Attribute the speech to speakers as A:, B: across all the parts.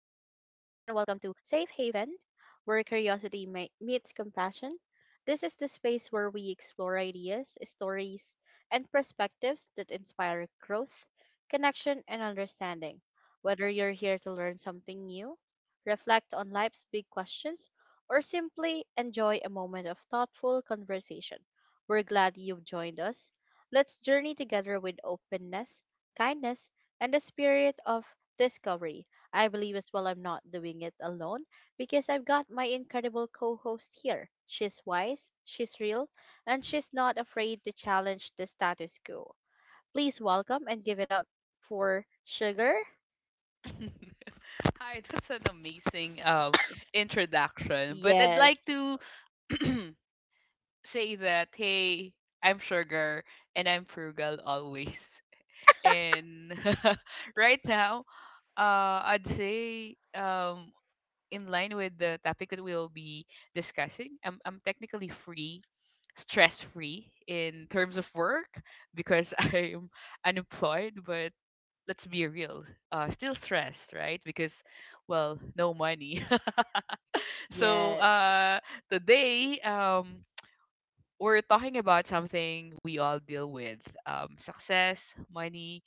A: welcome to Safe Haven, where curiosity meets compassion. This is the space where we explore ideas, stories, and perspectives that inspire growth, connection, and understanding. Whether you're here to learn something new, reflect on life's big questions, or simply enjoy a moment of thoughtful conversation, we're glad you've joined us. Let's journey together with openness kindness, and the spirit of discovery. I believe as well I'm not doing it alone because I've got my incredible co host here. She's wise, she's real, and she's not afraid to challenge the status quo. Please welcome and give it up for Sugar.
B: Hi, that's an amazing introduction. But I'd like
A: Yes,
B: to say that hey, I'm Sugar and I'm frugal always. And right now, I'd say in line with the topic that we'll be discussing, I'm technically free, stress free in terms of work because I'm unemployed, but let's be real, still stressed, right? Because, well, no money. so
A: yes,
B: uh, today, we're talking about something we all deal with: success, money,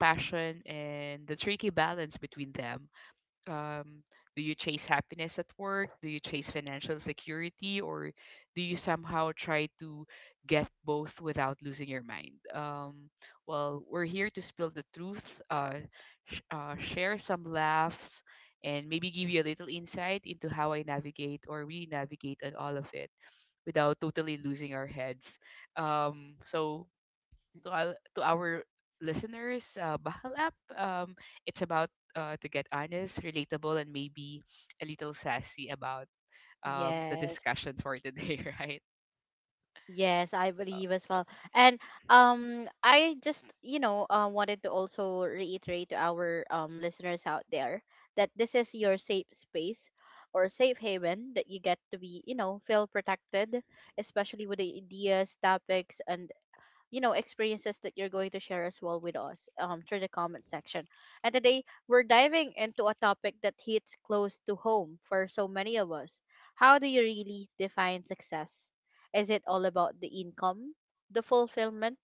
B: passion, and the tricky balance between them. um, do you chase happiness at work? Do you chase financial security, or do you somehow try to get both without losing your mind? Well, we're here to spill the truth, share some laughs, and maybe give you a little insight into how I navigate or we navigate and all of it without totally losing our heads. So to our listeners, Bahal app. It's about to get honest, relatable, and maybe a little sassy about the
A: yes.
B: discussion for today, right?
A: Yes, I believe as well. And I just, you know, wanted to also reiterate to our listeners out there that this is your safe space or safe haven that you get to be, you know, feel protected, especially with the ideas, topics and you know experiences that you're going to share as well with us through the comment section. And today we're diving into a topic that hits close to home for so many of us. How do you really define success? Is it all about the income, the fulfillment,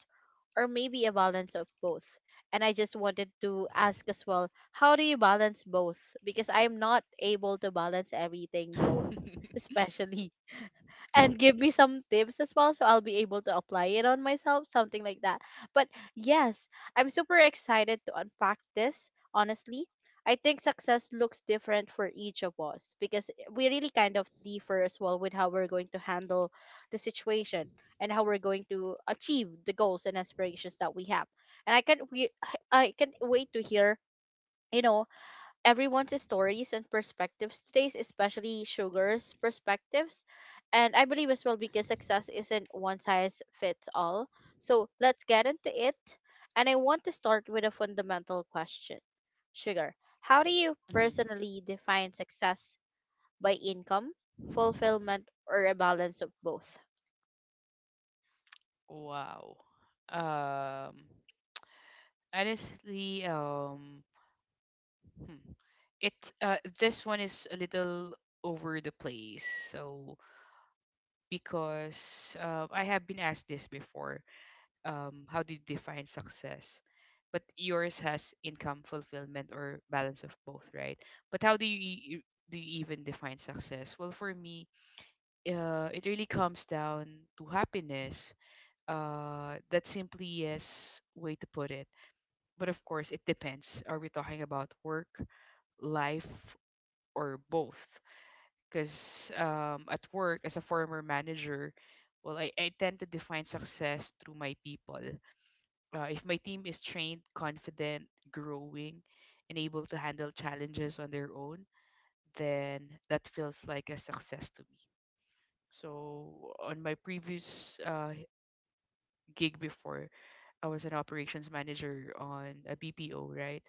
A: or maybe a balance of both? And I just wanted to ask as well, how do you balance both? Because I'm not able to balance everything
B: Um,
A: both, especially, and give me some tips as well so I'll be able to apply it on myself, something like that. But yes, I'm super excited to unpack this, honestly. I think success looks different for each of us because we really kind of differ as well with how we're going to handle the situation and how we're going to achieve the goals and aspirations that we have. And I can't wait to hear, you know, everyone's stories and perspectives today, especially Sugar's perspectives. And I believe as well because success isn't one size fits all. So let's get into it. And I want to start with a fundamental question. Sugar, how do you
B: mhm.
A: personally define success, by income, fulfillment, or a balance of both?
B: Wow. Um, honestly, hmm. it this one is a little over the place. So because I have been asked this before, how do you define success? But yours has income, fulfillment, or balance of both, right? But how do you e- do you even define success? Well, for me, it really comes down to happiness. That's simply yes way to put it. But of course, it depends. Are we talking about work, life, or both? Because at work, as a former manager, well, I tend to define success through my people. If my team is trained, confident, growing, and able to handle challenges on their own, then that feels like a success to me. So, on my previous gig before, I was an operations manager on a BPO, right?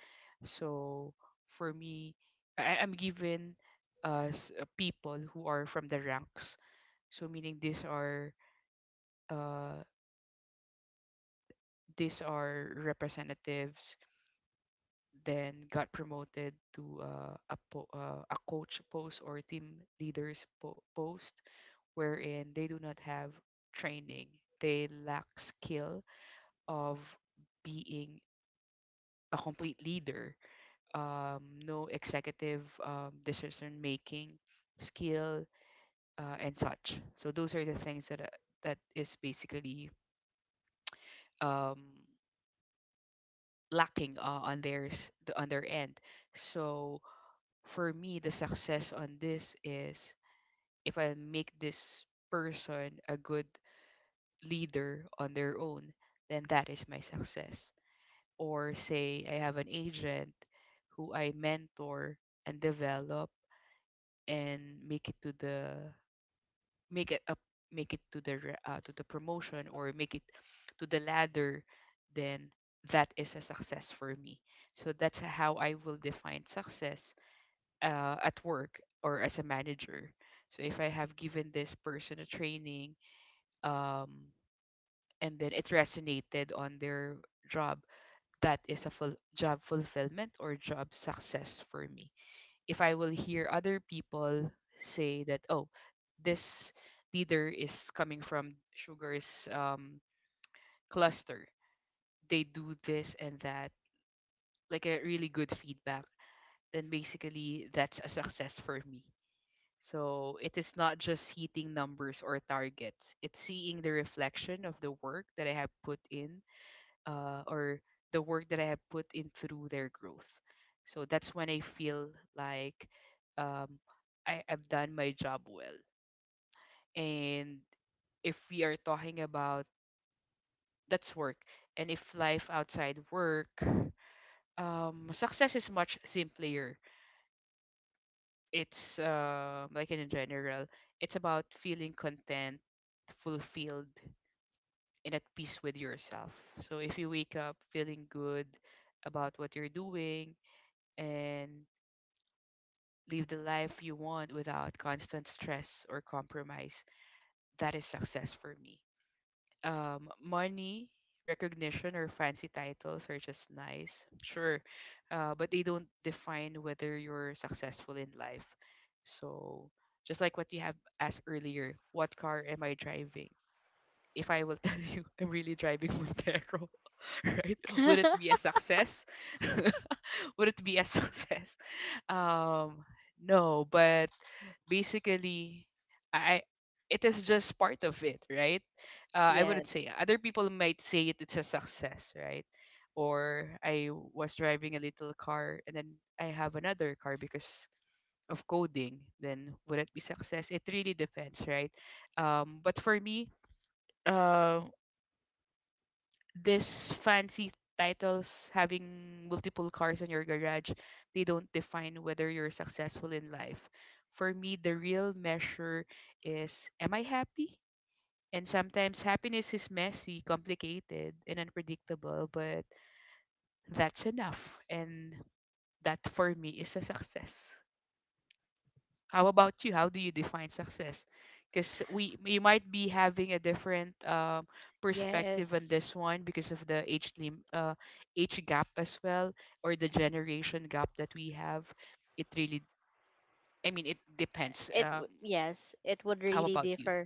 B: So, for me, I'm given people who are from the ranks. So, meaning uh, these are representatives then got promoted to a coach post or team leaders post wherein they do not have training, they lack skill of being a complete leader, no executive decision making skill, and such. So those are the things that that is basically um, lacking on theirs, on their end. So for me, the success on this is if I make this person a good leader on their own, then that is my success. Or say I have an agent who I mentor and develop and make it up make it to the to the promotion or make it to the ladder, then that is a success for me. So that's how I will define success at work or as a manager. So if I have given this person a training, um, and then it resonated on their job, that is a full job fulfillment or job success for me. If I will hear other people say that, oh, this leader is coming from Sugar's um, cluster, they do this and that, like a really good feedback, then basically that's a success for me. So it is not just hitting numbers or targets. It's seeing the reflection of the work that I have put in, or the work that I have put in through their growth. So that's when I feel like um, I have done my job well. And if we are talking about that's work, and if life outside work, success is much simpler. It's like in general, it's about feeling content, fulfilled, and at peace with yourself. So if you wake up feeling good about what you're doing and live the life you want without constant stress or compromise, that is success for me. Money, recognition, or fancy titles are just nice, sure, but they don't define whether you're successful in life. So, just like what you have asked earlier, what car am I driving? If I will tell you I'm really driving Montero, right? Would it be a success? Would it be a success? Um, no, but basically, I it is just part of it, right? I wouldn't
A: Yes.
B: say, other people might say it, it's a success, right? Or I was driving a little car and then I have another car because of coding. Then would it be success? It really depends, right? But for me, uh this fancy titles, having multiple cars in your garage, they don't define whether you're successful in life. For me the real measure is, am I happy? And sometimes happiness is messy, complicated, and unpredictable, but that's enough, and that for me is a success. How about you? How do you define success? Because we, you might be having a different perspective on
A: Yes.
B: this one because of the age gap as well, or the generation gap that we have. It really, I mean, it depends.
A: Yes, it would
B: How
A: really
B: about you?
A: differ.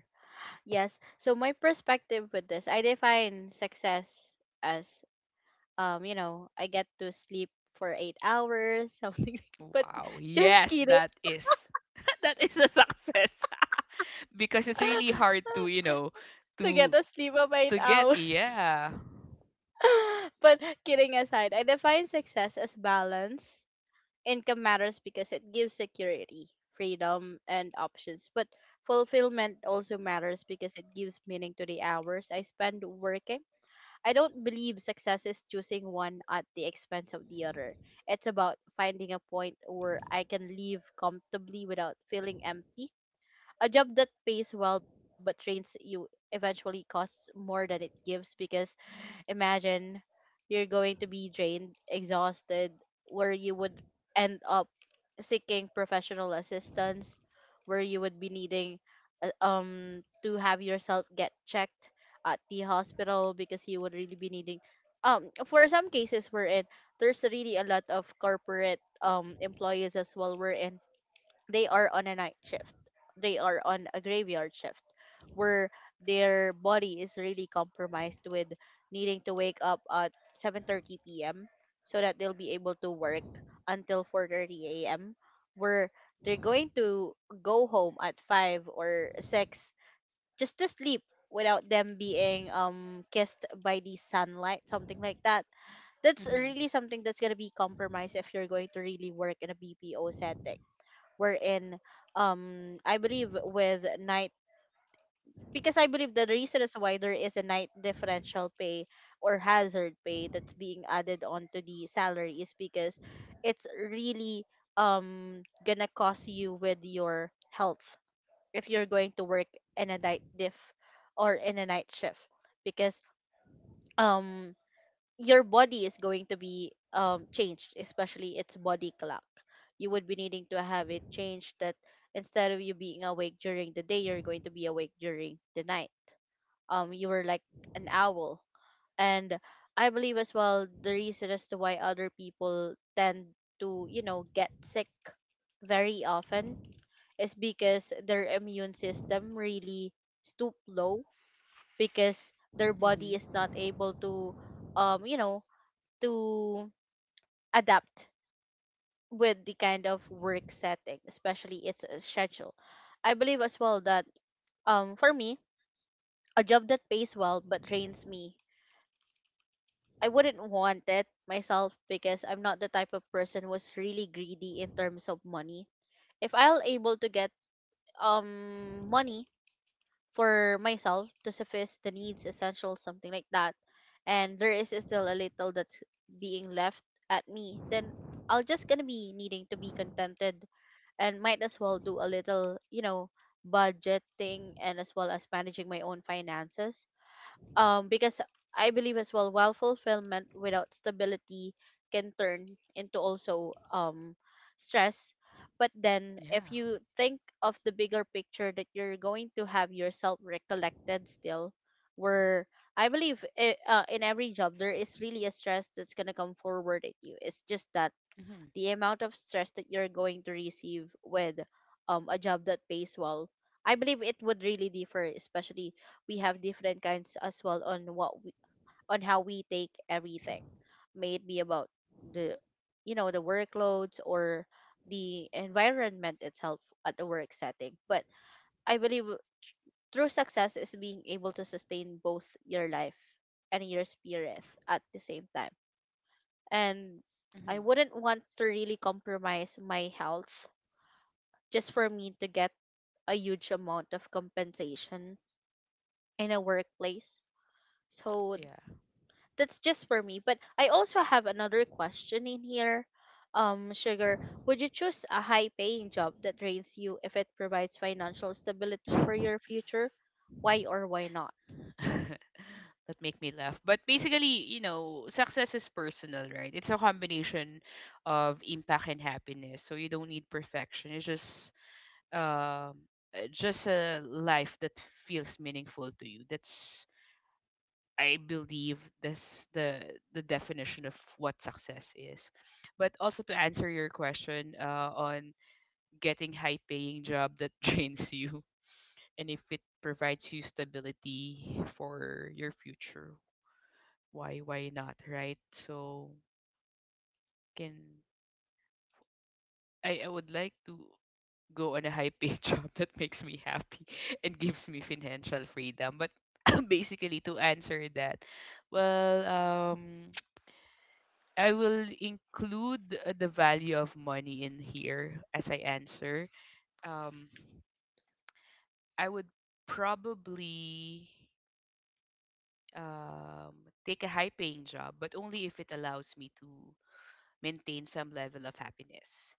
A: Yes. So my perspective with this, I define success as you know, I get to sleep for 8 hours, something. But
B: Wow.
A: just
B: Yes,
A: kidding,
B: that is that is a success because it's really hard to you know
A: to get
B: to
A: a sleep of eight
B: to get
A: hours.
B: yeah.
A: But kidding aside, I define success as balance. Income matters because it gives security, freedom, and options. But fulfillment also matters because it gives meaning to the hours I spend working. I don't believe success is choosing one at the expense of the other. It's about finding a point where I can live comfortably without feeling empty. A job that pays well but trains you eventually costs more than it gives, because imagine you're going to be drained, exhausted, where you would end up seeking professional assistance, where you would be needing to have yourself get checked at the hospital, because you would really be needing for some cases wherein there's really a lot of corporate employees as well wherein they are on a night shift, they are on a graveyard shift where their body is really compromised with needing to wake up at 7:30 p.m. so that they'll be able to work until 4:30 a.m., where they're going to go home at 5 or 6 just to sleep without them being kissed by the sunlight, something like that. That's
B: Mm-hmm.
A: really something that's going to be compromised if you're going to really work in a BPO setting, wherein I believe with night, because I believe the reason is why there is a night differential pay or hazard pay that's being added onto the salary is because it's really gonna cost you with your health if you're going to work in a night diff or in a night shift, because um your body is going to be changed, especially its body clock. You would be needing to have it changed that instead of you being awake during the day, you're going to be awake during the night. You were like an owl, and I believe as well the reason as to why other people tend to you know get sick very often is because their immune system really stoop low because their body is
B: Mm-hmm.
A: not able to you know to adapt with the kind of work setting, especially its schedule. I believe as well that for me, a job that pays well but drains me. I wouldn't want it myself because I'm not the type of person who's really greedy in terms of money. If I'll able to get money for myself to suffice the needs, essentials, something like that, and there is still a little that's being left at me, then I'll just gonna be needing to be contented and might as well do a little, you know, budgeting and as well as managing my own finances. Because I believe as well, while fulfillment without stability can turn into also stress. But then, if
B: Yeah.
A: you think of the bigger picture that you're going to have yourself recollected still, where I believe in every job there is really a stress that's gonna come forward at you. It's just that
B: Mm-hmm.
A: the amount of stress that you're going to receive with a job that pays well, I believe it would really differ, especially we have different kinds as well on what we, on how we take everything, may it be about the you know the workloads or the environment itself at the work setting. But I believe true success is being able to sustain both your life and your spirit at the same time, and I
B: Mm-hmm.
A: wouldn't want to really compromise my health just for me to get a huge amount of compensation in a workplace. So
B: Yeah.
A: that's just for me. But I also have another question in here. Sugar, would you choose a high paying job that drains you if it provides financial stability for your future? Why or why not?
B: That make me laugh. But basically, you know, success is personal, right? It's a combination of impact and happiness. So you don't need perfection. It's um uh, just a life that feels meaningful to you. That's, I believe that's the definition of what success is. But also to answer your question on getting high paying job that drains you, and if it provides you stability for your future, why not, right? So can I would like to go on a high paid job that makes me happy and gives me financial freedom, but basically to answer that, well I will include the value of money in here as I answer. um I would probably um, take a high paying job, but only if it allows me to maintain some level of happiness.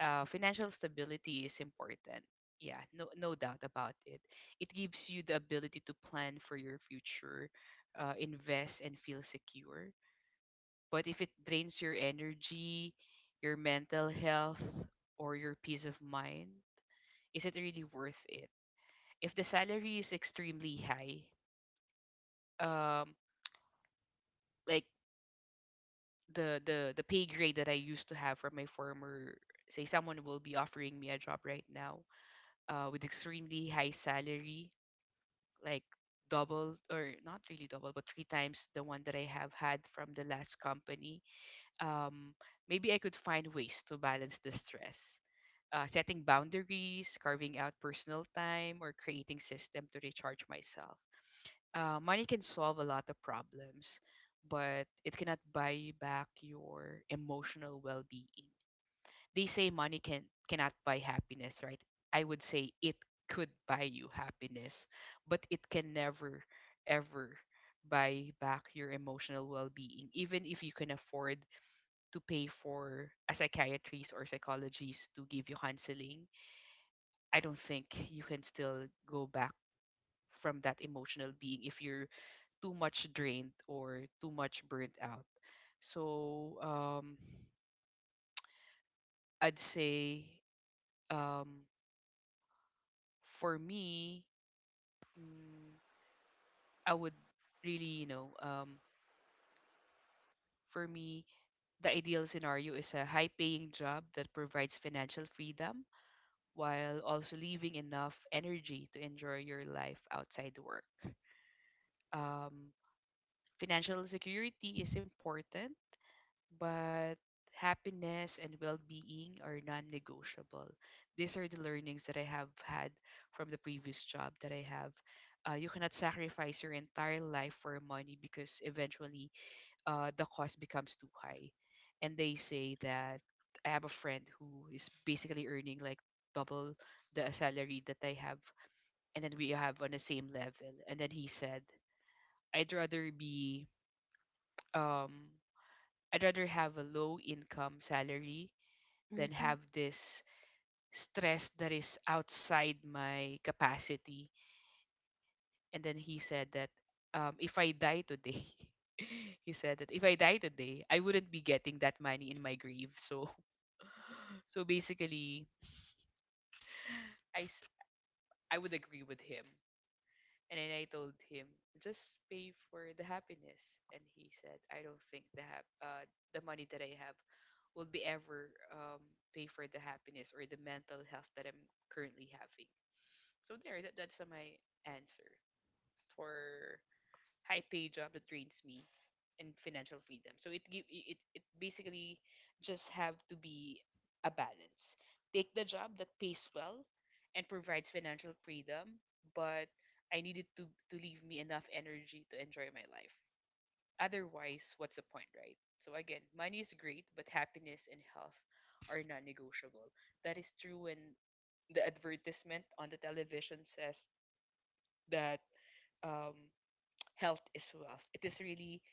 B: Financial stability is important. Yeah, no, no doubt about it. It gives you the ability to plan for your future, invest, and feel secure. But if it drains your energy, your mental health, or your peace of mind, is it really worth it? If the salary is extremely high, um, like the pay grade that I used to have from my former, say someone will be offering me a job right now, with extremely high salary, like double, or not really double but three times the one that I have had from the last company, um maybe I could find ways to balance the stress, setting boundaries, carving out personal time, or creating system to recharge myself. Money can solve a lot of problems, but it cannot buy back your emotional well-being. They say money cannot buy happiness, right? I would say it could buy you happiness, but it can never, ever buy back your emotional well-being. Even if you can afford to pay for a psychiatrist or psychologist to give you counseling, I don't think you can still go back from that emotional being if you're too much drained or too much burnt out. So I'd say um, for me, mm, I would really, you know, for me, the ideal scenario is a high paying job that provides financial freedom while also leaving enough energy to enjoy your life outside work. Um, financial security is important, but happiness and well-being are non-negotiable. These are the learnings that I have had from the previous job that I have. You cannot sacrifice your entire life for money because eventually the cost becomes too high. And they say that I have a friend who is basically earning like double the salary that I have, and then we have on the same level. And then he said, I'd rather be um I'd rather have a low income salary then
A: Mm-hmm.
B: have this stress that is outside my capacity. And then he said that if I die today, he said that if I die today, I wouldn't be getting that money in my grave. So, so basically, I s- I would agree with him. And then I told him just pay for the happiness, and he said I don't think the the money that I have will be ever pay for the happiness or the mental health that I'm currently having. So there, that's my answer for high pay job that drains me and financial freedom. So it give it it basically just have to be a balance. Take the job that pays well and provides financial freedom, but I needed to leave me enough energy to enjoy my life. Otherwise, what's the point, right? So again, money is great, but happiness and health are non-negotiable. That is true when the advertisement on the television says that um, health is wealth. It is really,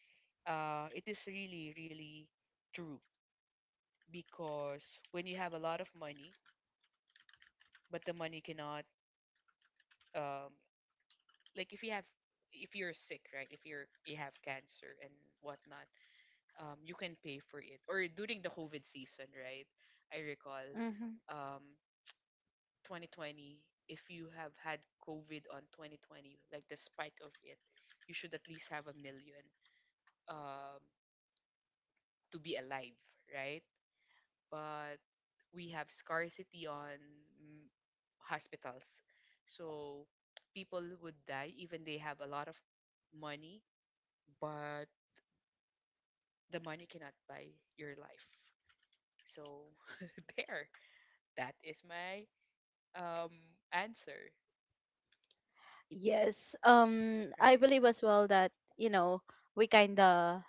B: really true because when you have a lot of money, but the money cannot, um, like if you have, if you're sick, right? If you have cancer and whatnot, you can pay for it. Or during the COVID season, right? I recall,
A: Mm-hmm.
B: um, 2020. If you have had COVID on 2020, like the spike of it, you should at least have a million. Um, to be alive, right? But we have scarcity on mm, hospitals. So people would die even they have a lot of money, but the money cannot buy your life. So there, that is my um answer,
A: Yes. I
B: right?
A: believe as well that you know we kind of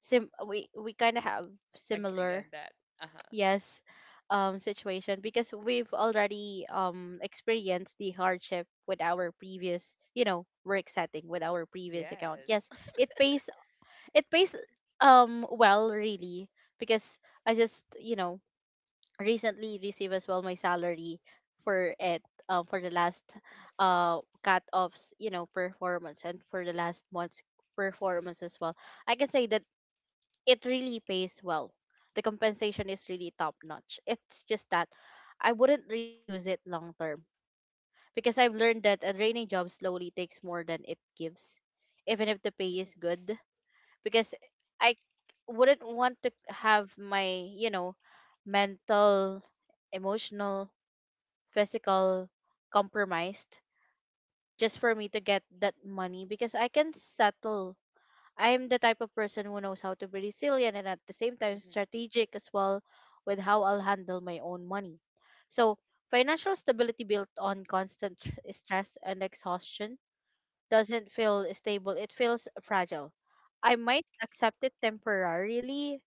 A: we kind of have
B: Agree on
A: similar
B: that. Uh-huh.
A: yes situation, because we've already experienced the hardship with our previous you know work setting with our previous account.
B: Yes.
A: Yes, it pays it pays well really, because I just you know recently received as well my salary for it for the last cut offs you know performance and for the last month's performance as well. I can say that it really pays well, the compensation is really top notch. It's just that I wouldn't really choose it long term because I've learned that a draining job slowly takes more than it gives, even if the pay
B: Mhm.
A: is good. Because I wouldn't want to have my, you know, mental, emotional, physical compromised just for me to get that money, because I can settle. I'm the type of person who knows how to be resilient and at the same time
B: Mhm.
A: strategic as well with how I'll handle my own money. So, financial stability built on constant stress and exhaustion doesn't feel stable, it feels fragile. I might accept it temporarily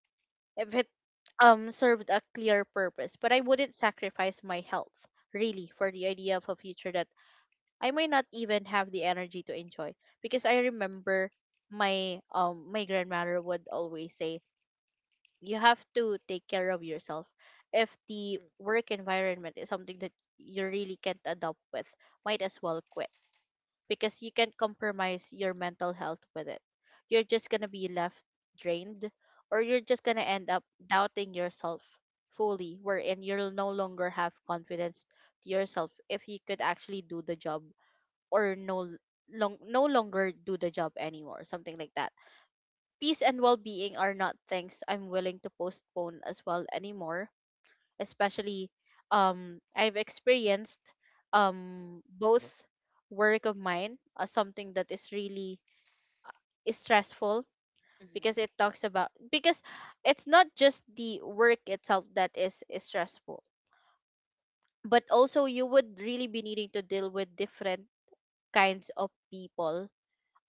A: if it served a clear purpose, but I wouldn't sacrifice my health really for the idea of a future that I may not even have the energy to enjoy. Because I remember my my grandmother would always say, you have to take care of yourself. If the
B: True.
A: work environment is something that you really can't adapt with, might as well quit because you can compromise your mental health with it. You're just going to be left drained, or you're just going to end up doubting yourself fully wherein you'll no longer have confidence to yourself if you could actually do the job or no longer do the job anymore, something like that. Peace and well-being are not things I'm willing to postpone as well anymore, especially I've experienced both work of mine as something that is really is stressful,
B: Mhm.
A: because it talks about because it's not just the work itself that is stressful, but also you would really be needing to deal with different kinds of people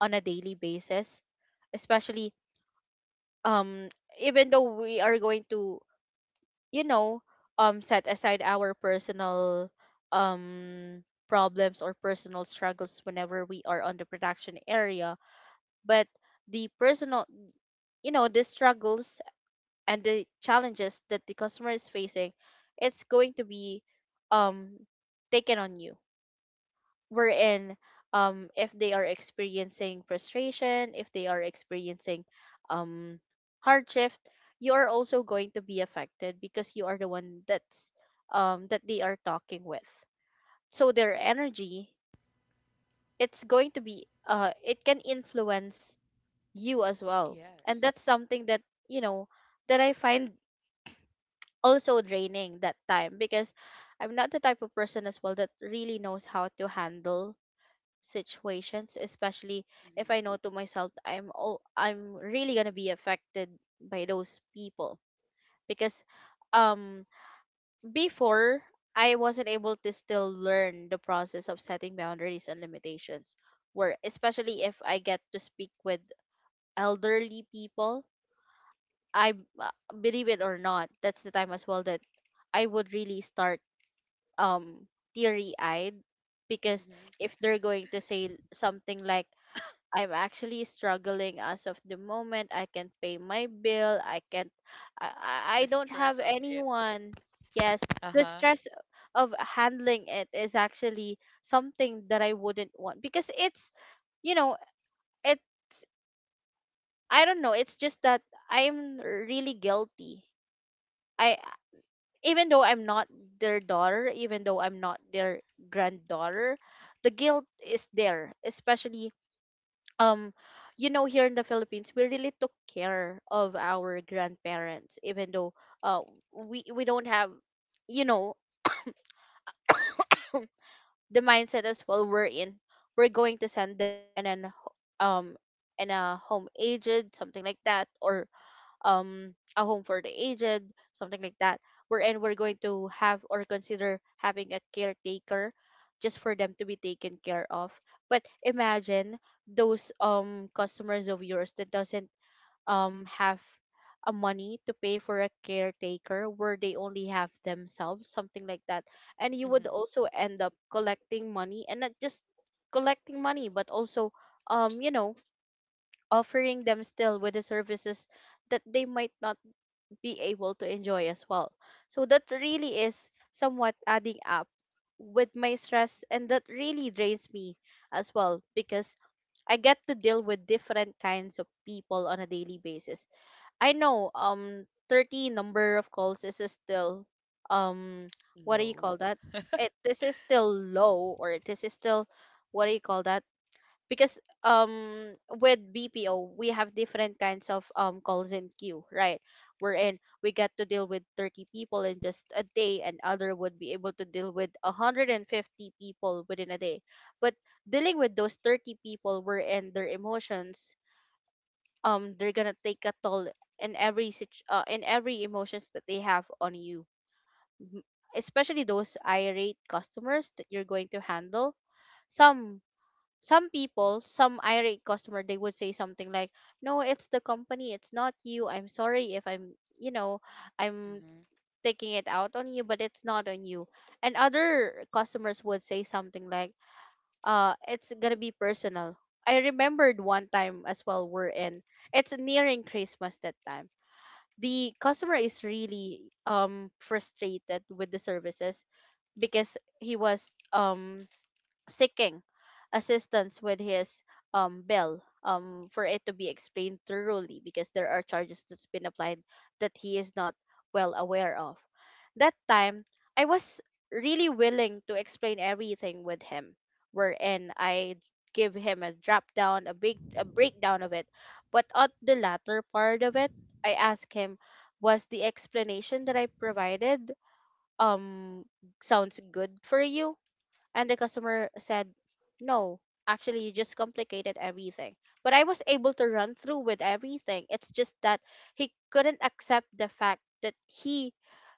A: on a daily basis, especially um even though we are going to you know, set aside our personal um, problems or personal struggles whenever we are on the production area. But the personal, the struggles and the challenges that the customer is facing, it's going to be um, taken on you, wherein if they are experiencing frustration, if they are experiencing um hardship, you are also going to be affected because you are the one that's that they are talking with. So their energy, it's going to be it can influence you as well. And
B: Yes.
A: that's something that you know that I find also draining that time, because I'm not the type of person as well that really knows how to handle situations, especially if
B: Mhm.
A: I know to myself, I'm really gonna be affected by those people. Because um before, I wasn't able to still learn the process of setting boundaries and limitations, where especially if I get to speak with elderly people, I b- uh, believe it or not, that's the time as well that I would really start um teary-eyed, because
B: Mhm.
A: if they're going to say something like, I'm actually struggling as of the moment. I can't pay my bill. I can't. I
B: The
A: don't have
B: stress of it.
A: anyone. Yes, the
B: Uh-huh.
A: stress of handling it is actually something that I wouldn't want because you know, it's. I don't know. It's just that I'm really guilty. I Even though I'm not their daughter, even though I'm not their granddaughter, the guilt is there, especially um here in the Philippines we really took care of our grandparents, even though uh we don't have you know the mindset as well. We're in, we're going to send them in um in a home aged, something like that, or a home for the aged, something like that, wherein we're going to have or consider having a caretaker just for them to be taken care of. But imagine those customers of yours that doesn't have a money to pay for a caretaker, where they only have themselves, something like that. And you would
B: Mhm.
A: also end up collecting money, and not just collecting money, but also um you know offering them still with the services that they might not be able to enjoy as well. So that really is somewhat adding up with my stress, and that really drains me as well because I get to deal with different kinds of people on a daily basis. I know 30 number of calls is still um what do you
B: Low.
A: call that? It This is still low, or this is still, what do you call that? Because with BPO we have different kinds of calls in queue, right? We're in. We get to deal with 30 people in just a day, and other would be able to deal with 150 people within a day. But dealing with those 30 people, we're in their emotions, they're gonna take a toll in in every emotions that they have on you. Mhm. Especially those irate customers that you're going to handle, some some people, some irate customer, they would say something like, no, it's the company, it's not you, I'm sorry if I'm you know I'm
B: Mhm.
A: taking it out on you, but it's not on you. And other customers would say something like, it's gonna be personal. I remembered one time as well, we're in, it's nearing Christmas that time. The customer is really frustrated with the services because he was seeking assistance with his bill, for it to be explained thoroughly because there are charges that's been applied that he is not well aware of. That time, I was really willing to explain everything with him, wherein I give him a drop down a big a breakdown of it. But at the latter part of it, I asked him, was the explanation that I provided um sounds good for you. And the customer said, no, actually, you just complicated everything. But I was able to run through with everything. It's just that he couldn't accept the fact that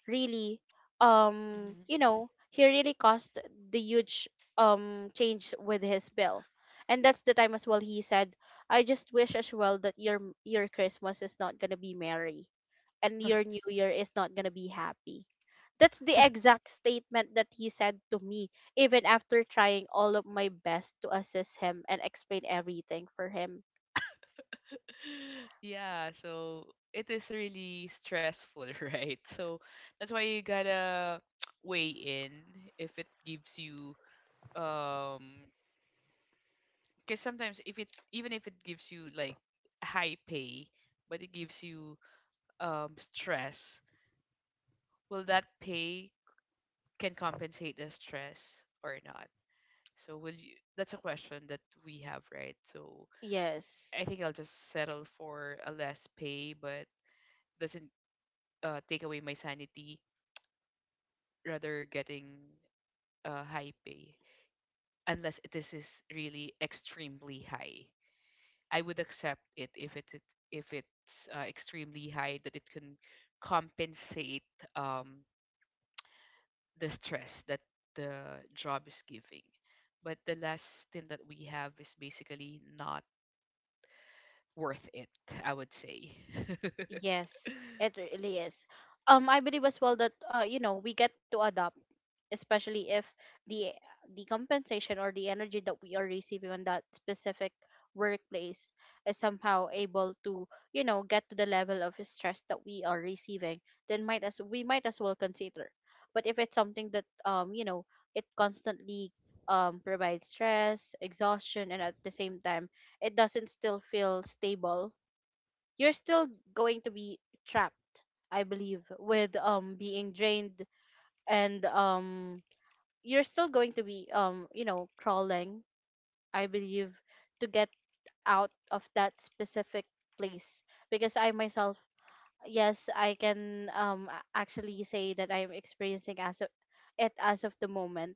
A: really, um,
B: Mhm.
A: you know, he really caused the huge change with his bill. And that's the time as well he said, I just wish as well that your Christmas is not gonna be merry and your new year is not gonna be happy. That's the exact statement that he said to me even after trying all of my best to assist him and explain everything for him.
B: Yeah, so it is really stressful, right? So that's why you gotta weigh in if it gives you um because sometimes if it even if it gives you like high pay, but it gives you stress, will that pay can compensate the stress or not? So will you that's a question that we have, right? So
A: Yes.
B: I think I'll just settle for a less pay, but doesn't take away my sanity, rather getting high pay, unless this is really extremely high. I would accept it if it's extremely high that it can compensate um, the stress that the job is giving. But the last stint that we have is basically not worth it, I would say.
A: Yes, it really is. I believe as well that we get to adopt, especially if the compensation or the energy that we are receiving on that specific workplace is somehow able to, get to the level of stress that we are receiving, then might as we might as well consider. But if it's something that it constantly provides stress, exhaustion, and at the same time it doesn't still feel stable, you're still going to be trapped, I believe, with being drained, and you're still going to be crawling, I believe, to get out of that specific place. Because I myself, yes, I can actually say that I'm experiencing it as of the moment,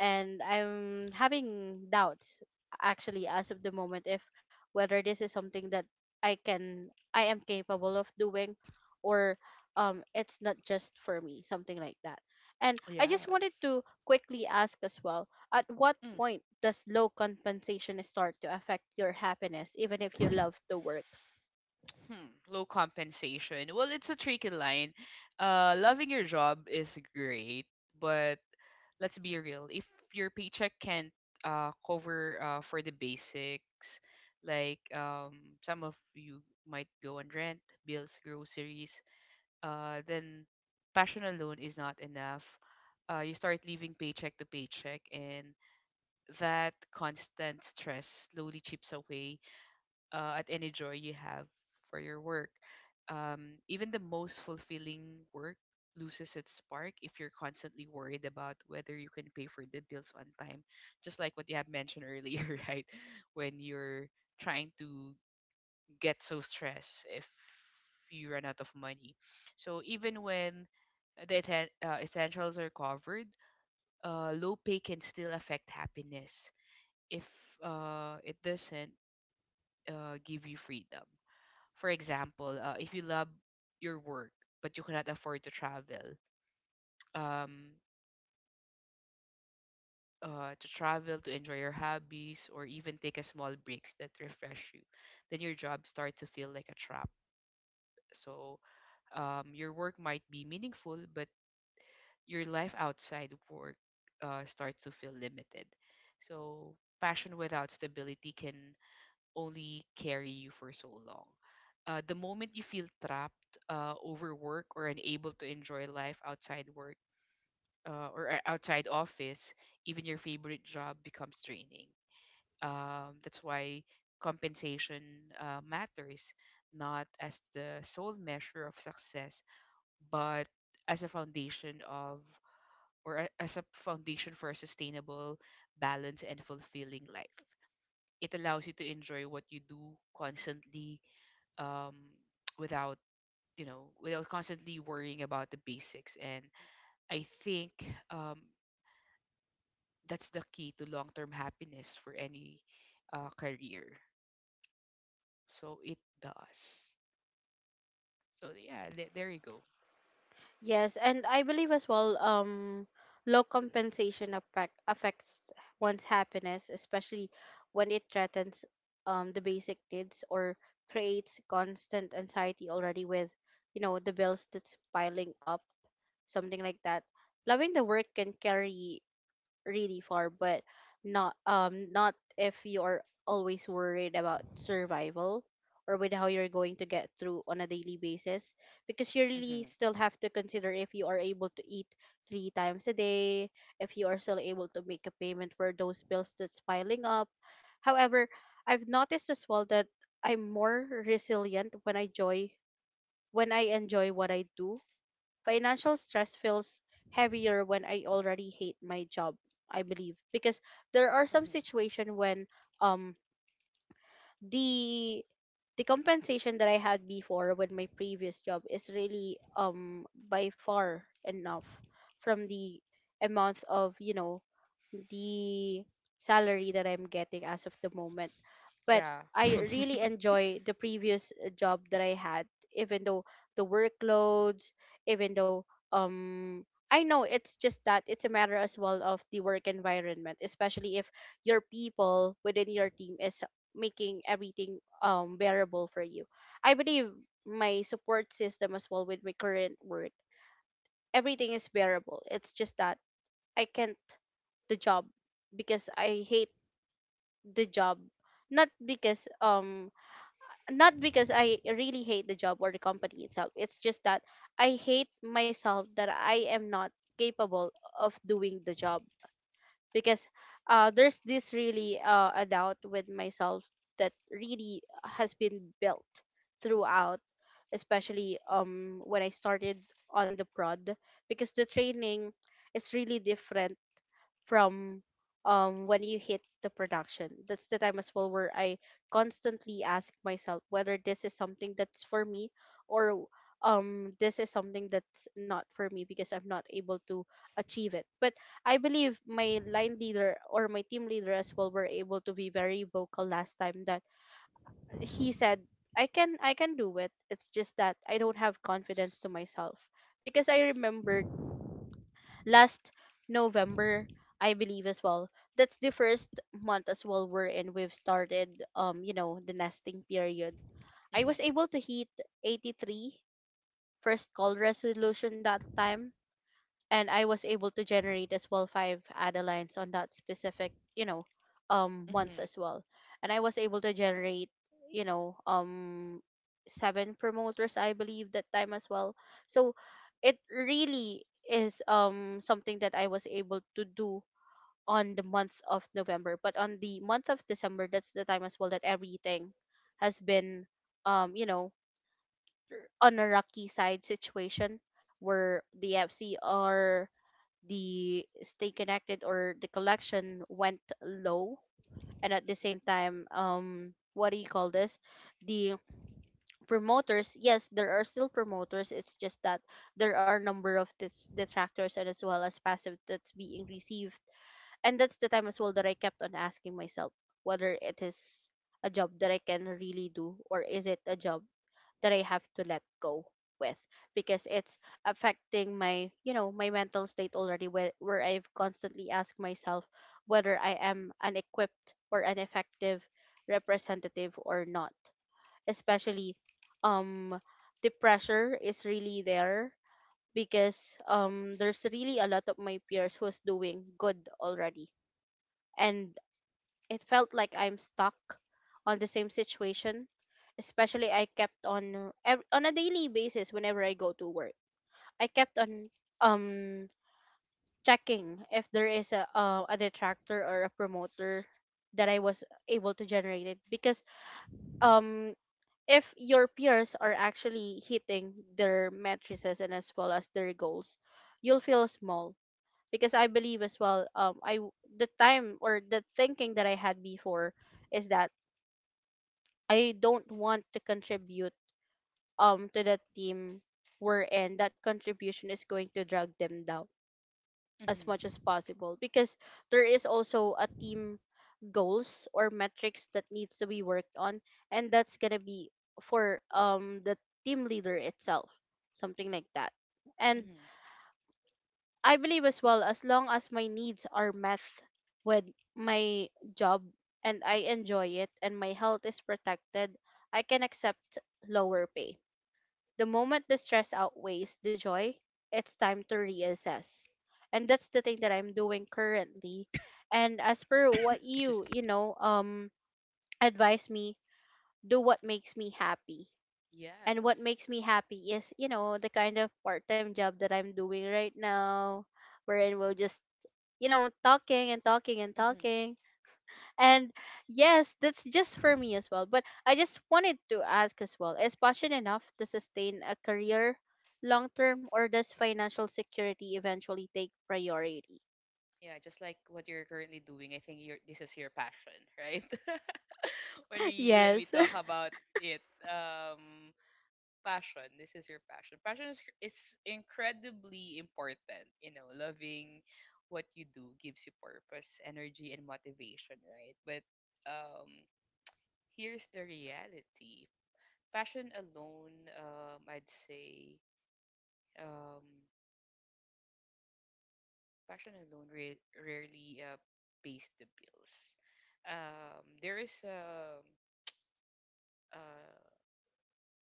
A: and I'm having doubts actually as of the moment if whether this is something that I can I am capable of doing, or it's not just for me, something like that. And I just wanted
B: Yes.
A: to quickly ask as well, at what point does low compensation start to affect your happiness, even if you love the work?
B: Hmm, low compensation. Well, it's a tricky line. Loving your job is great, but let's be real. If your paycheck can't cover for the basics, like some of you might go on rent, bills, groceries, then passion alone is not enough. You start living paycheck to paycheck, and that constant stress slowly chips away at any joy you have for your work. Even the most fulfilling work loses its spark if you're constantly worried about whether you can pay for the bills on time. Just like what you have mentioned earlier, right? When you're trying to get so stressed if you run out of money. So even when the essentials are covered, low pay can still affect happiness if it doesn't give you freedom. For example, if you love your work but you cannot afford to travel, um, to travel, to enjoy your hobbies, or even take a small breaks that refresh you, then your job starts to feel like a trap. So your work might be meaningful, but your life outside work starts to feel limited. So passion without stability can only carry you for so long. The moment you feel trapped, overworked, or unable to enjoy life outside work or outside office, even your favorite job becomes draining. That's why compensation matters, not as the sole measure of success, but as a foundation of as a foundation for a sustainable, balanced, and fulfilling life. It allows you to enjoy what you do constantly um, without without constantly worrying about the basics, and I think um, that's the key to long-term happiness for any career. So it does, so yeah, there you go.
A: Yes, and I believe as well, low compensation affects one's happiness, especially when it threatens the basic needs or creates constant anxiety already with, the bills that's piling up, something like that. Loving the work can carry really far, but not if you are always worried about survival, or with how you're going to get through on a daily basis, because you really
B: Mm-hmm,
A: still have to consider if you are able to eat three times a day, if you are still able to make a payment for those bills that's piling up. However, I've noticed as well that I'm more resilient when I joy when I enjoy what I do. Financial stress feels heavier when I already hate my job, I believe, because there are some
B: mm-hmm,
A: situation when um the compensation that I had before with my previous job is really by far enough from the amount of the salary that I'm getting as of the moment. But
B: yeah.
A: I really enjoy the previous job that I had, even though the workloads, even though um I know, it's just that it's a matter as well of the work environment, especially if your people within your team is making everything bearable for you. I believe my support system as well with my current work, everything is bearable. It's just that I can't the job because I hate the job. Not because um not because I really hate the job or the company itself. It's just that I hate myself that I am not capable of doing the job because there's this really a doubt with myself that really has been built throughout, especially when I started on the prod, because the training is really different from when you hit the production. That's the time as well where I constantly ask myself whether this is something that's for me or this is something that's not for me because I'm not able to achieve it. But I believe my line leader or my team leader as well were able to be very vocal last time, that he said I can do it. It's just that I don't have confidence to myself, because I remembered last November, I believe as well, that's the first month as well we're in. We've started the nesting period. I
B: mm-hmm,
A: was able to hit 83 first call resolution that time, and I was able to generate as well five Adelines on that specific, month
B: mm-hmm,
A: as well. And I was able to generate, you know, um seven promoters I believe that time as well. So it really is something that I was able to do on the month of November. But on the month of December, that's the time as well that everything has been um, you know, on a rocky side situation where the FC are the stay connected, or the collection went low. And at the same time, what do you call this the promoters, yes, there are still promoters. It's just that there are number of detractors and as well as passive that's being received. And that's the time as well that I kept on asking myself whether it is a job that I can really do, or is it a job that I have to let go with, because it's affecting my, you know, my mental state already, where I've constantly asked myself whether I am an equipped or an effective representative or not. Especially um the pressure is really there, because there's really a lot of my peers who's doing good already, and it felt like I'm stuck on the same situation. Especially I kept on on a daily basis whenever I go to work, I kept on um checking if there is a detractor or a promoter that I was able to generate it, because um if your peers are actually hitting their matrices and as well as their goals, you'll feel small, because I believe as well, the time or the thinking that I had before is that I don't want to contribute to the team we're in. That contribution is going to drag them down as much as
B: mm-hmm,
A: possible, because there is also a team goals or metrics that needs to be worked on, and that's gonna be for the team leader itself, something like that. And
B: mm-hmm.
A: I believe as well, as long as my needs are met with my job, and I enjoy it and my health is protected, I can accept lower pay. The moment the stress outweighs the joy, it's time to reassess. And that's the thing that I'm doing currently. And as per what
B: It's just
A: you, advise me, do what makes me happy. And what
B: yes.
A: makes me happy is, you know, the kind of part-time job that I'm doing right now, wherein we'll just, you know, talking and talking and
B: mm-hmm.
A: talking. And yes, that's just for me as well. But I just wanted to ask as well, is passion enough to sustain a career long term, or does financial security eventually take priority?
B: Yeah, just like what you're currently doing, I think you're, this is your passion, right? When we
A: Yes.
B: talk about it, um passion, this is your passion. Is incredibly important. You know, loving what you do gives you purpose, energy and motivation, right? But um here's the reality. Passion alone, I'd say, um passion alone rarely pays the bills. There is a uh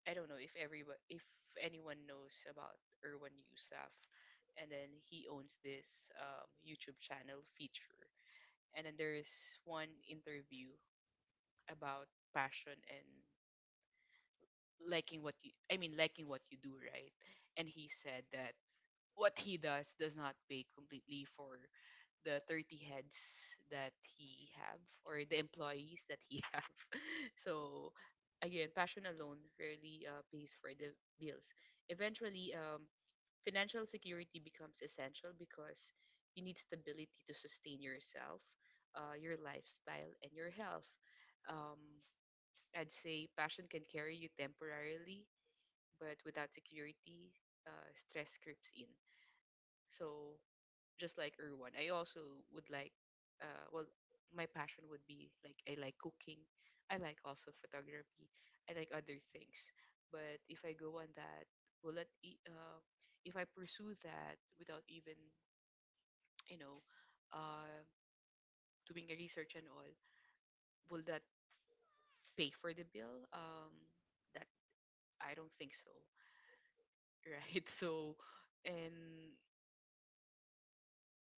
B: I don't know if everyone, if anyone knows about Erwan Yusuf, and then he owns this YouTube channel feature, and then there's one interview about passion and liking what you, I mean, liking what you do, right? And he said that what he does not pay completely for the 30 heads that he have, or the employees that he have. So again, passion alone rarely pays for the bills. Eventually, financial security becomes essential because you need stability to sustain yourself, your lifestyle and your health. um, I'd say passion can carry you temporarily, but without security, stress creeps in. So just like Erwan, I also would like, uh, well, my passion would be like I like cooking, I like also photography, I like other things. But if I go on that, will it, e- uh, if I pursue that without even, you know, uh, doing a research and all, will that pay for the bill? That I don't think so, right? So, and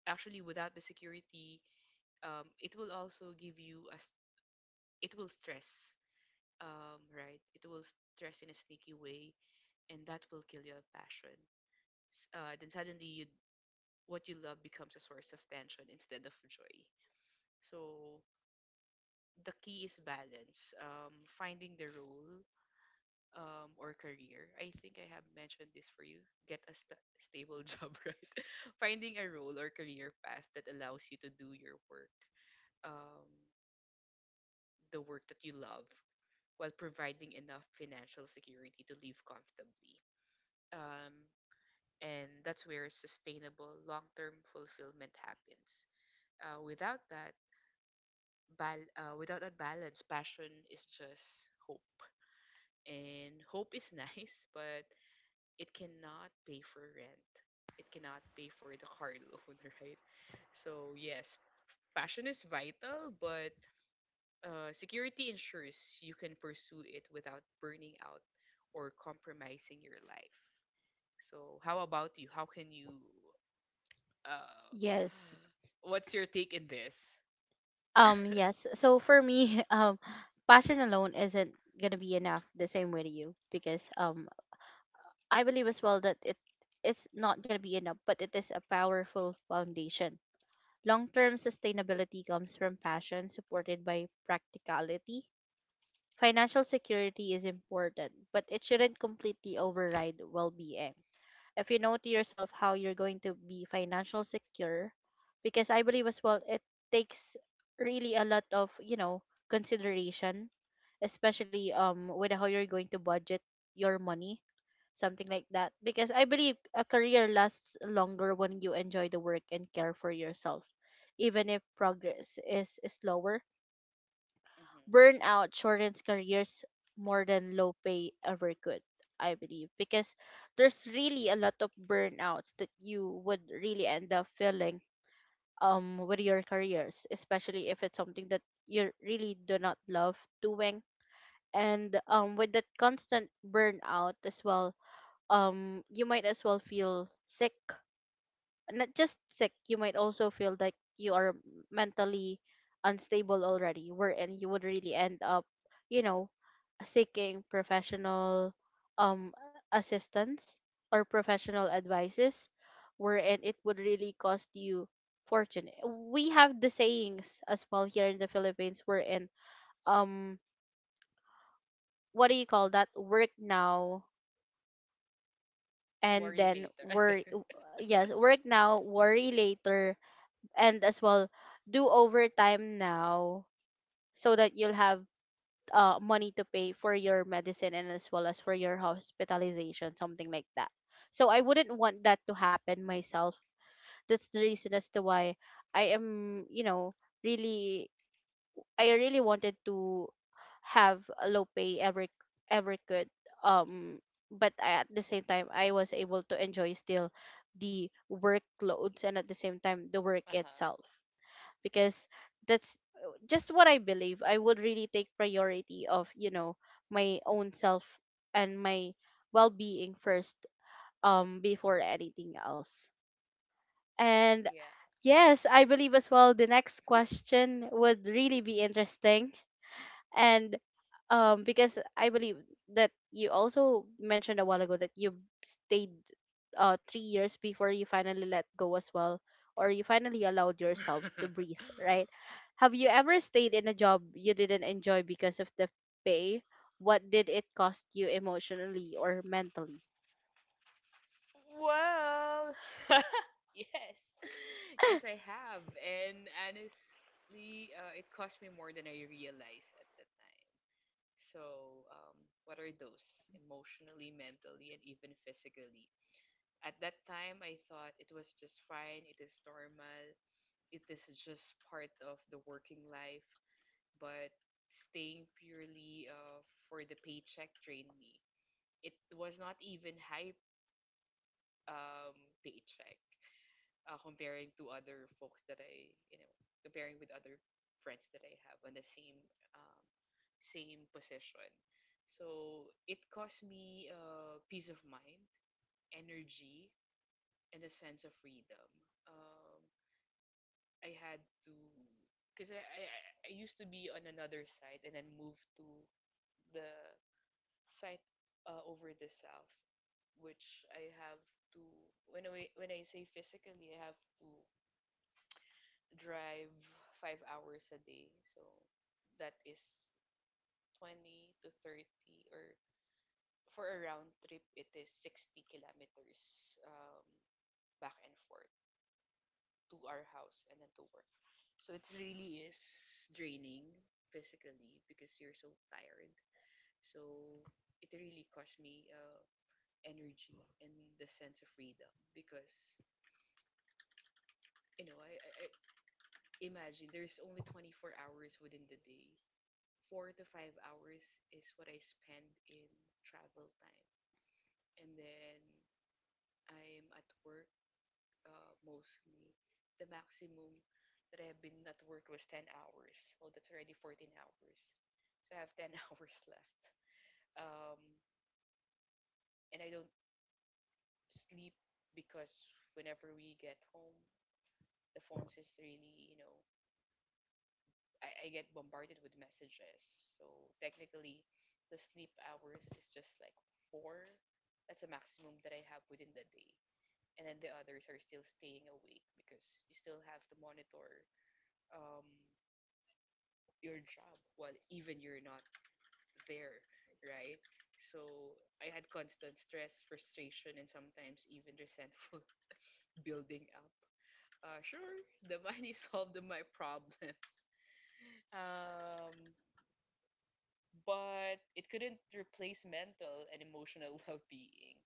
B: actually, without the security, it will also give you as it will stress, right? It will stress in a sneaky way, and that will kill your passion. Then suddenly, you what you love becomes a source of tension instead of joy. So the key is balance. Finding the role or career. I think I have mentioned this for you. Get a stable job, right? Finding a role or career path that allows you to do your work, um, the work that you love, while providing enough financial security to live comfortably. Um, and that's where sustainable long-term fulfillment happens. Without that, without that balance, passion is just hope. And hope is nice, but it cannot pay for rent. It cannot pay for the car loan, right? So yes, passion is vital, but security ensures you can pursue it without burning out or compromising your life. So, how about you? How can you? Uh,
A: Yes.
B: what's your take in this?
A: Yes. So for me, passion alone isn't gonna be enough the same way to you, because I believe as well that it's not gonna be enough, but it is a powerful foundation. Long term sustainability comes from passion supported by practicality. Financial security is important, but it shouldn't completely override well being if you know to yourself how you're going to be financial secure, because I believe as well, it takes really a lot of, you know, consideration, especially with how you're going to budget your money, something like that, because I believe a career lasts longer when you enjoy the work and care for yourself even if progress is slower.
B: Mm-hmm.
A: Burnout shortens careers more than low pay ever could, I believe, because there's really a lot of burnouts that you would really end up feeling with your careers, especially if it's something that you really do not love doing. And with that constant burnout as well, you might as well feel sick. Not just sick, you might also feel like you are mentally unstable already, wherein you would really end up, you know, seeking professional um assistance or professional advices, wherein it would really cost you fortune. We have the sayings as well here in the Philippines, wherein um what do you call that, work now and
B: Worry
A: then
B: later.
A: worry. Yes, work now worry later. And as well, do overtime now so that you'll have money to pay for your medicine and as well as for your hospitalization, something like that. So I wouldn't want that to happen myself. That's the reason as to why I am, you know, really, I really wanted to have a low pay ever ever could, um but at the same time I was able to enjoy still the workloads, and at the same time the work
B: Uh huh.
A: itself, because that's just what I believe. I would really take priority of, you know, my own self and my well-being first before anything else. And yes, I believe as well the next question would really be interesting. And because I believe that you also mentioned a while ago that you stayed 3 years before you finally let go as well, or you finally allowed
B: Yeah.
A: yourself to breathe, right? Have you ever stayed in a job you didn't enjoy because of the pay? What did it cost you emotionally or mentally?
B: Well, yes, yes, I have, and honestly, it cost me more than I realized at the time. So, what are those emotionally, mentally, and even physically? At that time, I thought it was just fine, it is normal, it is just part of the working life, but staying purely for the paycheck drained me. It was not even high um, paycheck comparing to other folks that I, you know, comparing with other friends that I have on the same um, same position. So it caused me peace of mind, energy, and a sense of freedom. Um, I had to, because I used to be on another side and then moved to the side over the south, which I have to, when I say physically, I have to drive 5 hours a day. So that is 20 to 30 or for a round trip, it is 60 kilometers back and forth to our house and then to work. So it really is draining physically because you're so tired. So it really cost me energy and the sense of freedom because, you know, I imagine there's only 24 hours within the day. 4 to 5 hours is what I spend in travel time. And then I'm at work mostly. The maximum that I have been at work was 10 hours. Oh, that's already 14 hours. So I have 10 hours left. Um, and I don't sleep because whenever we get home, the phones is really, you know, I get bombarded with messages. So technically, the sleep hours is just like four. That's a maximum that I have within the day. And then the others are still staying awake because you still have to monitor um, your job while even you're not there, right? So I had constant stress, frustration, and sometimes even resentful building up. Sure, the money solved my problems. Um, but it couldn't replace mental and emotional well-being.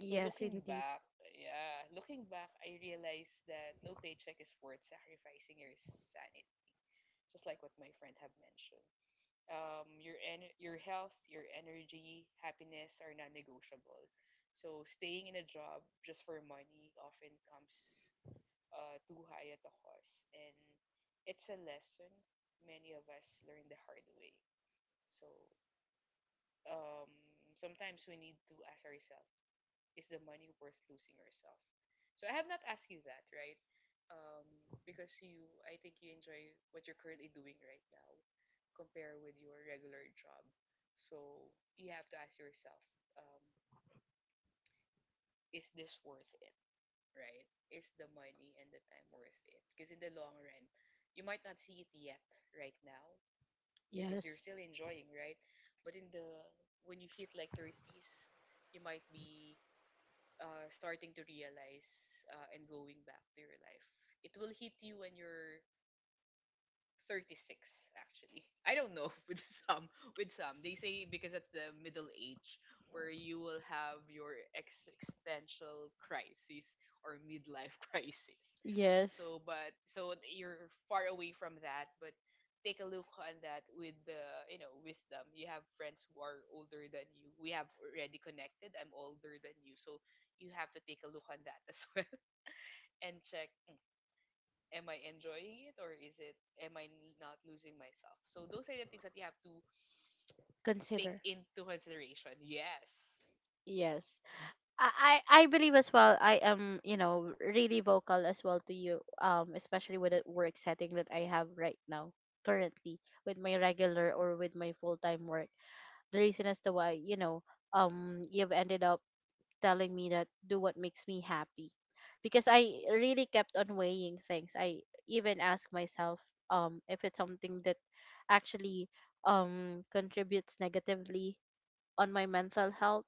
B: So
A: Yes,
B: looking
A: indeed.
B: back, yeah, looking back, I realized that no paycheck is worth sacrificing your sanity, just like what my friend have mentioned. Your your health, your energy, happiness are non-negotiable. So staying in a job just for money often comes too high at the cost, and it's a lesson many of us learn the hard way. So um, sometimes we need to ask ourselves, is the money worth losing yourself? So I have not asked you that, right? Um, because you, I think you enjoy what you're currently doing right now, compare with your regular job. So you have to ask yourself, um, is this worth it, right? Is the money and the time worth it? Because in the long run, you might not see it yet right now, because you're
A: Yes.
B: still enjoying, right? But in the when you hit like 30s, you might be starting to realize and going back to your life. It will hit you when you're 36 actually. I don't know with some. They say because that's the middle age where you will have your existential crisis or midlife crisis.
A: Yes.
B: So, but so you're far away from that, but take a look on that with the wisdom. You have friends who are older than you. We have already connected. I'm older than you, so you have to take a look on that as well and check. Am I enjoying it or is it am I not losing myself? So those are the things that you have to take
A: Consider.
B: into consideration. Yes.
A: Yes. I believe as well, I am, you know, really vocal as well to you, especially with the work setting that I have right now, currently, with my regular or with my full time work. The reason as to why, you know, you've ended up telling me that do what makes me happy, because I really kept on weighing things. I even asked myself, if it's something that actually contributes negatively on my mental health,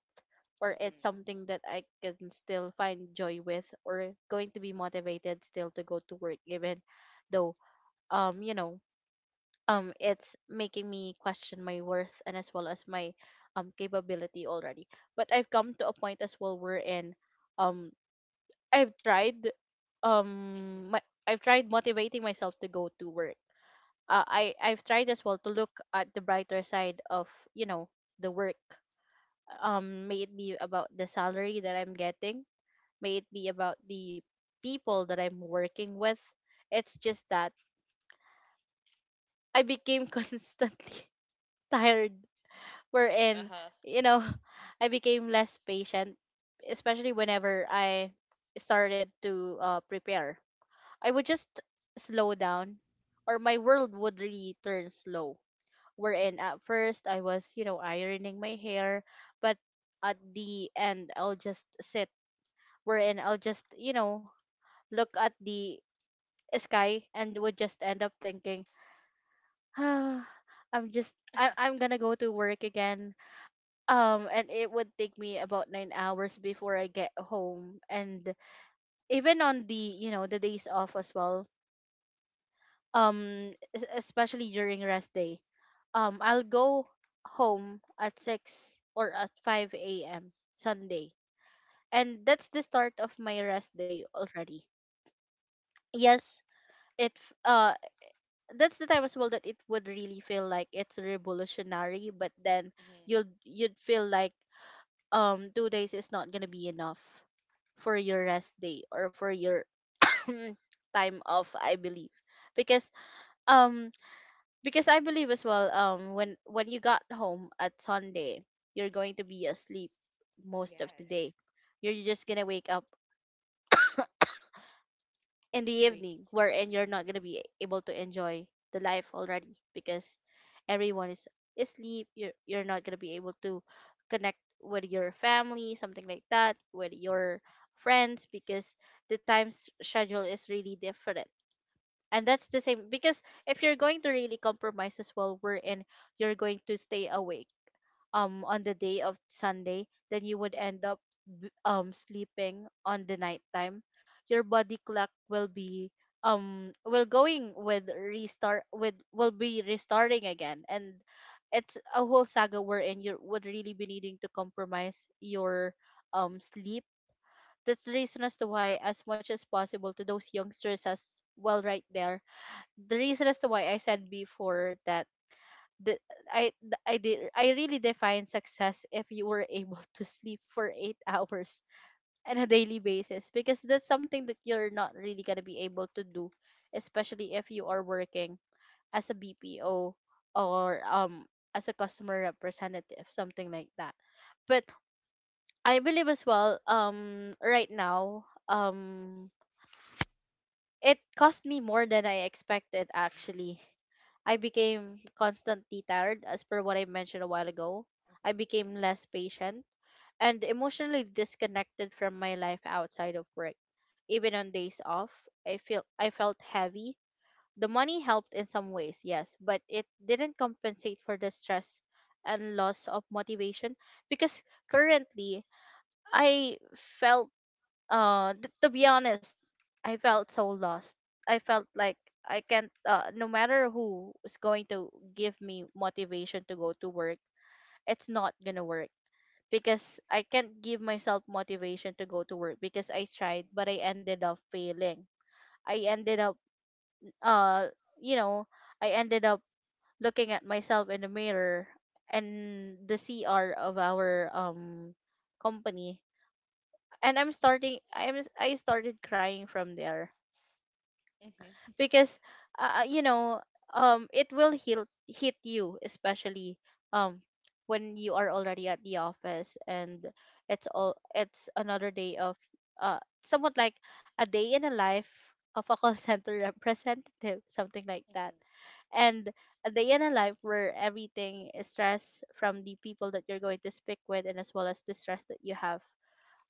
A: or it's
B: Mhm.
A: something that I can still find joy with, or going to be motivated still to go to work even though, you know, it's making me question my worth and as well as my capability already. But I've come to a point as well wherein um I've tried um
B: Mhm.
A: my, I've tried motivating myself to go to work. I've tried as well to look at the brighter side of, you know, the work. May it be about the salary that I'm getting, may it be about the people that I'm working with. It's just that I became constantly tired,
B: Uh
A: wherein,
B: huh.
A: you know, I became less patient, especially whenever I started to prepare, I would just slow down or my world would really turn slow. Wherein at first I was, you know, ironing my hair, but at the end I'll just sit, wherein I'll just, you know, look at the sky and would just end up thinking, ah, I'm just I I'm gonna go to work again. And it would take me about 9 hours before I get home. And even on the, you know, the days off as well, especially during rest day, I'll go home at six or at five a.m. Sunday. And that's the start of my rest day already. Yes, it f- uh that's the time as well that it would really feel like it's revolutionary. But then
B: Mhm.
A: you'd feel like 2 days is not gonna be enough for your rest day or for your time off, I believe, because um because I believe as well, when you got home at Sunday, you're going to be asleep most of the
B: Yes.
A: day. You're just gonna wake up in the
B: Wake.
A: evening, wherein you're
B: Mhm.
A: not gonna be able to enjoy the life already, because everyone is asleep. You're not gonna be able to connect with your family, something like that, with your friends, because the schedule is really different. And that's the same, because if you're going to really compromise as well, wherein you're going to stay awake on the day of Sunday, then you would end up sleeping on the nighttime. Your body clock will be will going with restart with will be restarting again, and it's a whole saga wherein you would really be needing to compromise your sleep. That's the reason as to why, as much as possible, to those youngsters as well, right there. The reason as to why I said before that the I th- I did I really define success if you were able to sleep for 8 hours on a daily basis, because that's something that you're not really gonna be able to do, especially if you are working as a BPO, or as a customer representative, something like that. But I believe as well, right now, it cost me more than I expected, actually. I became constantly tired, as per what I mentioned a while ago.
B: Mhm.
A: I became less patient and emotionally disconnected from my life outside of work. Even on days off, I felt heavy. The money helped in some ways, yes, but it didn't compensate for the stress and loss of motivation. Because currently, I felt to be honest, I felt so lost. I felt like I can't, no matter who is going to give me motivation to go to work, it's not gonna work, because I can't give myself motivation to go to work because I tried
B: Mhm.
A: but I ended up failing. I ended up uh you know I ended up looking at myself in the mirror and the cr of our company, and I'm starting I'm I started crying from there.
B: Mhm.
A: Because uh, you know it will hit you, especially um when you are already at the office, and it's another day of, somewhat like, a day in a life of a call center representative, something like that.
B: Mhm.
A: And a day in a life where everything is stress from the people that you're going to speak with, and as well as the stress that you have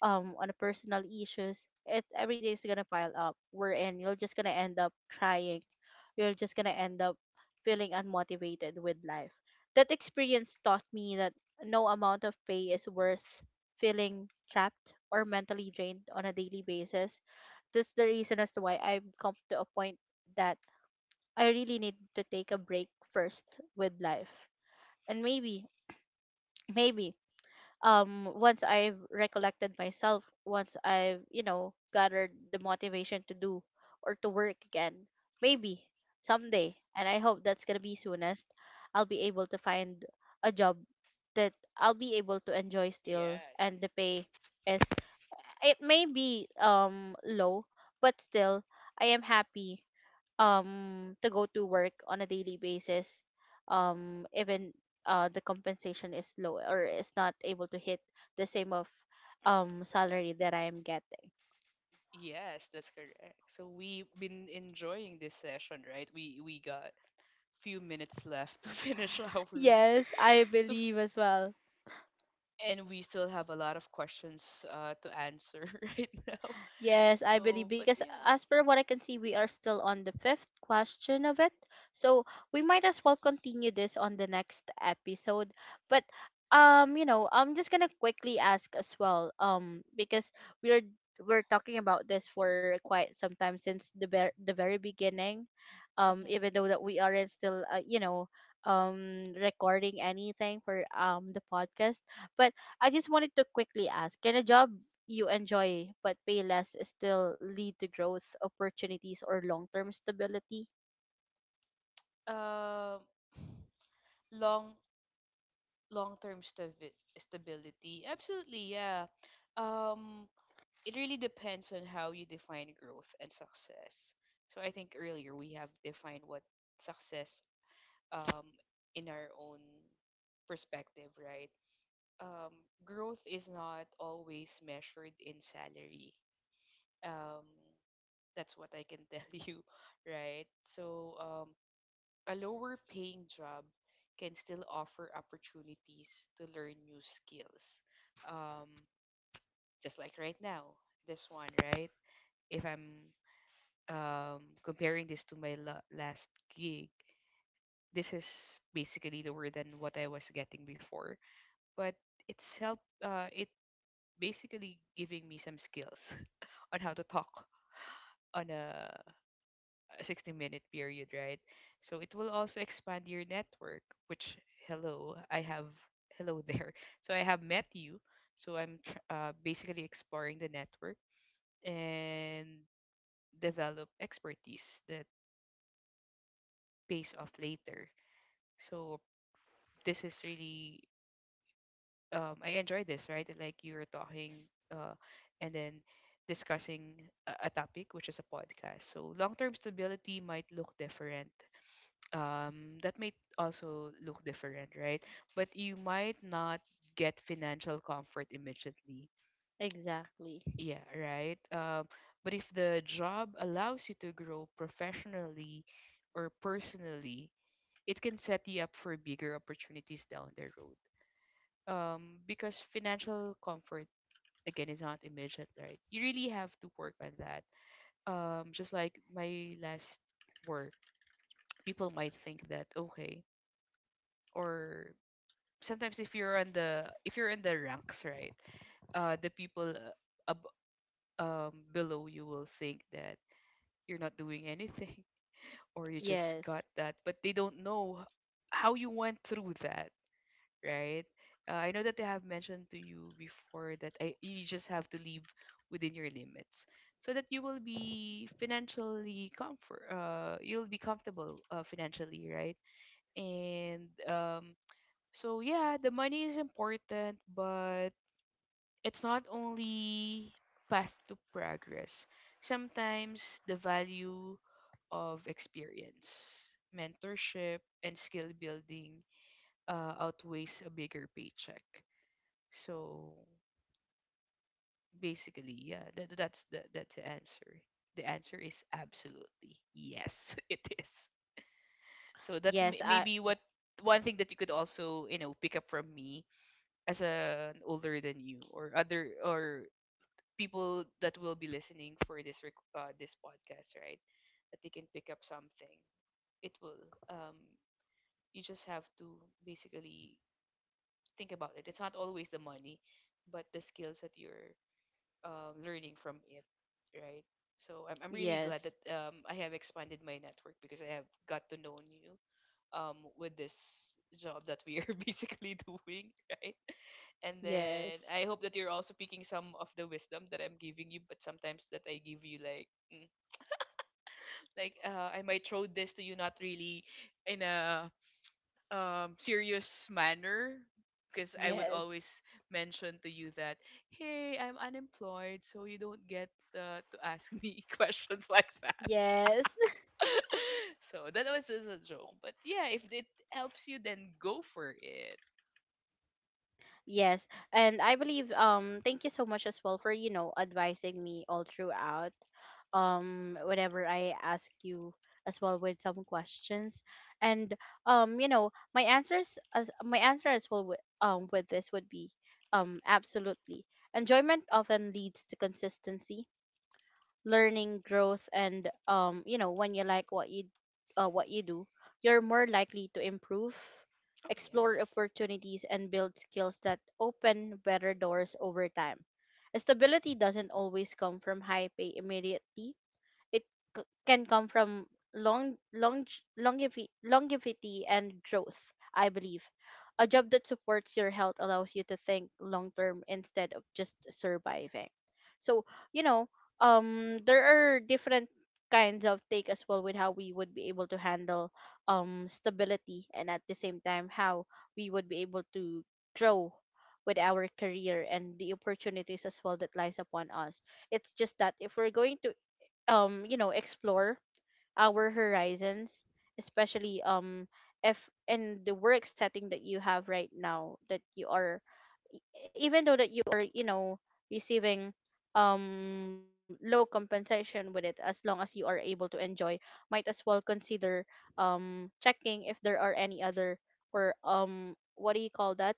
A: on a personal issues. It Everything is gonna pile up, wherein you're just gonna end up crying. You're just gonna end up feeling unmotivated with life. That experience taught me that no amount of pay is worth feeling trapped or mentally drained on a daily basis. That's the reason as to why I've come to a point that I really need to take a break first with life. And maybe, maybe once I've recollected myself, once I've gathered the motivation to do or to work again, maybe someday, and I hope that's gonna be soonest, I'll be able to find a job that I'll be able to enjoy still,
B: Yes.
A: and the pay is it may be low, but still I am happy to go to work on a daily basis, even the compensation is low or is not able to hit the same of salary that I am getting.
B: Yes, that's correct. So we've been enjoying this session, right? We got few minutes left to finish our to
A: Yes, I
B: f-
A: believe as well.
B: and we still have a lot of questions to answer right now.
A: Yes, I believe,
B: So, but
A: because
B: yeah.
A: as per what I can see, we are still on the fifth question of it. So we might as well continue this on the next episode. But I'm just gonna quickly ask as well. Because we're we're talking about this for quite some time since the very beginning. Um,
B: Mhm.
A: even though that we aren't still, recording anything for the podcast. But I just wanted to quickly ask: can a job you enjoy but pay less still lead to growth opportunities or long term stability?
B: Um long long-term stability. Absolutely, yeah. Um it really depends on how you define growth and success. So I think earlier we have defined what success, um, in our own perspective, right? Um, growth is not always measured in salary. Um, that's what I can tell you, right? So, a lower paying job can still offer opportunities to learn new skills. Um, just like right now, this one, right? If I'm comparing this to my last gig, this is basically lower than what I was getting before. But it's helped it basically giving me some skills on how to talk on a 60-minute period, right? So it will also expand your network, which, hello, I have, hello there, so I have met you, so basically exploring the network and develop expertise that pays off later. So this is really, I enjoy this, right? Like you're talking
A: Yes,
B: uh and then discussing a topic which is a podcast. So long-term stability might look different. That might also look different, right? But you might not get financial comfort immediately.
A: exactly.
B: Yeah, right? But if the job allows you to grow professionally or personally, it can set you up for bigger opportunities down the road, because financial comfort, again, it's not immediate, right? You really have to work on that. Just like my last work, people might think that okay, or sometimes if you're on the if you're in the ranks, right? The people below you will think that you're not doing anything or you just
A: Yes.
B: got that, but they don't know how you went through that, right? I know that I have mentioned to you before that I, you just have to live within your limits so that you will be financially comfort you'll be comfortable, financially, right? And so yeah, the money is important, but it's not only path to progress. Sometimes the value of experience, mentorship, and skill building outweighs a bigger paycheck. So basically, yeah, that's the answer. The answer is absolutely yes, it is. So that's
A: Yes, I
B: maybe what one thing that you could also, you know, pick up from me as a, an older than you or other or people that will be listening for this this podcast, right? That they can pick up something. It will, um you just have to basically think about it. It's not always the money, but the skills that you're learning from it, right? So I'm really glad
A: yes.
B: that, I have expanded my network because I have got to know you, with this job that we are basically doing, right? And then
A: Yes.
B: I hope that you're also picking some of the wisdom that I'm giving you, but sometimes that I give you like, like I might throw this to you not really in a serious manner, because I would always
A: Yes.
B: mention to you that hey, I'm unemployed so you don't get to ask me questions like that.
A: Yes.
B: So that was just a joke, but yeah, if it helps you then go for it.
A: Yes, and I believe, thank you so much as well for, advising me all throughout, whenever I ask you as well with some questions. And my answers as my answer as well with this would be absolutely, enjoyment often leads to consistency, learning, growth. And you know, when you like what you, what you do, you're more likely to improve,
B: Oh
A: explore
B: yes.
A: opportunities, and build skills that open better doors over time. Stability doesn't always come from high pay immediately. It can come from long, long, longevity, and growth, I believe. A job that supports your health allows you to think long term instead of just surviving. So, you know, there are different kinds of take as well with how we would be able to handle stability, and at the same time, how we would be able to grow with our career and the opportunities as well that lies upon us. It's just that if we're going to, explore our horizons, especially, if in the work setting that you have right now, that you are e- even though that you are, receiving low compensation with it, as long as you are able to enjoy, might as well consider checking if there are any other, or what do you call that,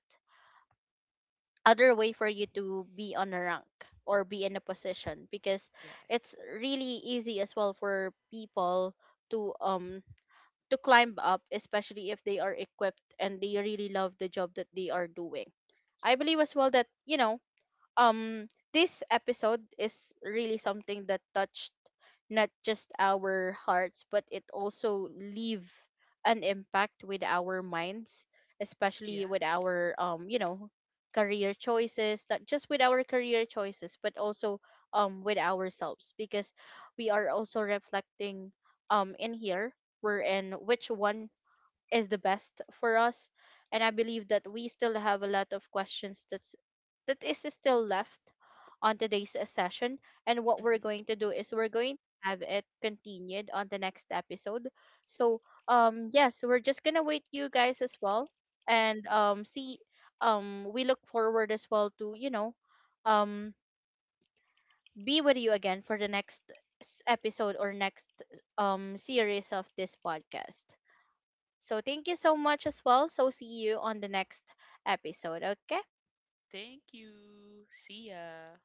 A: other way for you
B: Mhm.
A: to be on a rank or be in a position, because
B: Yes.
A: it's really easy as well for people to um to climb up, especially if they are equipped and they really love the job that they are doing. I believe as well that, um this episode is really something that touched not just our hearts, but it also leave an impact with our minds,
B: Yeah.
A: especially with our, career choices. Not just with our career choices, but also with ourselves, because we are also reflecting in here, we're in which one is the best for us. And I believe that we still have a lot of questions that is still left on today's session, and what we're
B: Hmm.
A: going to do is we're going to have it continued on the next episode. So yes, we're just gonna wait you guys as well, and see, we look forward as well to, um be with you again for the next episode, or next series of this podcast. So thank you so much as well. So see you on the next episode. Okay.
B: Thank you. See ya.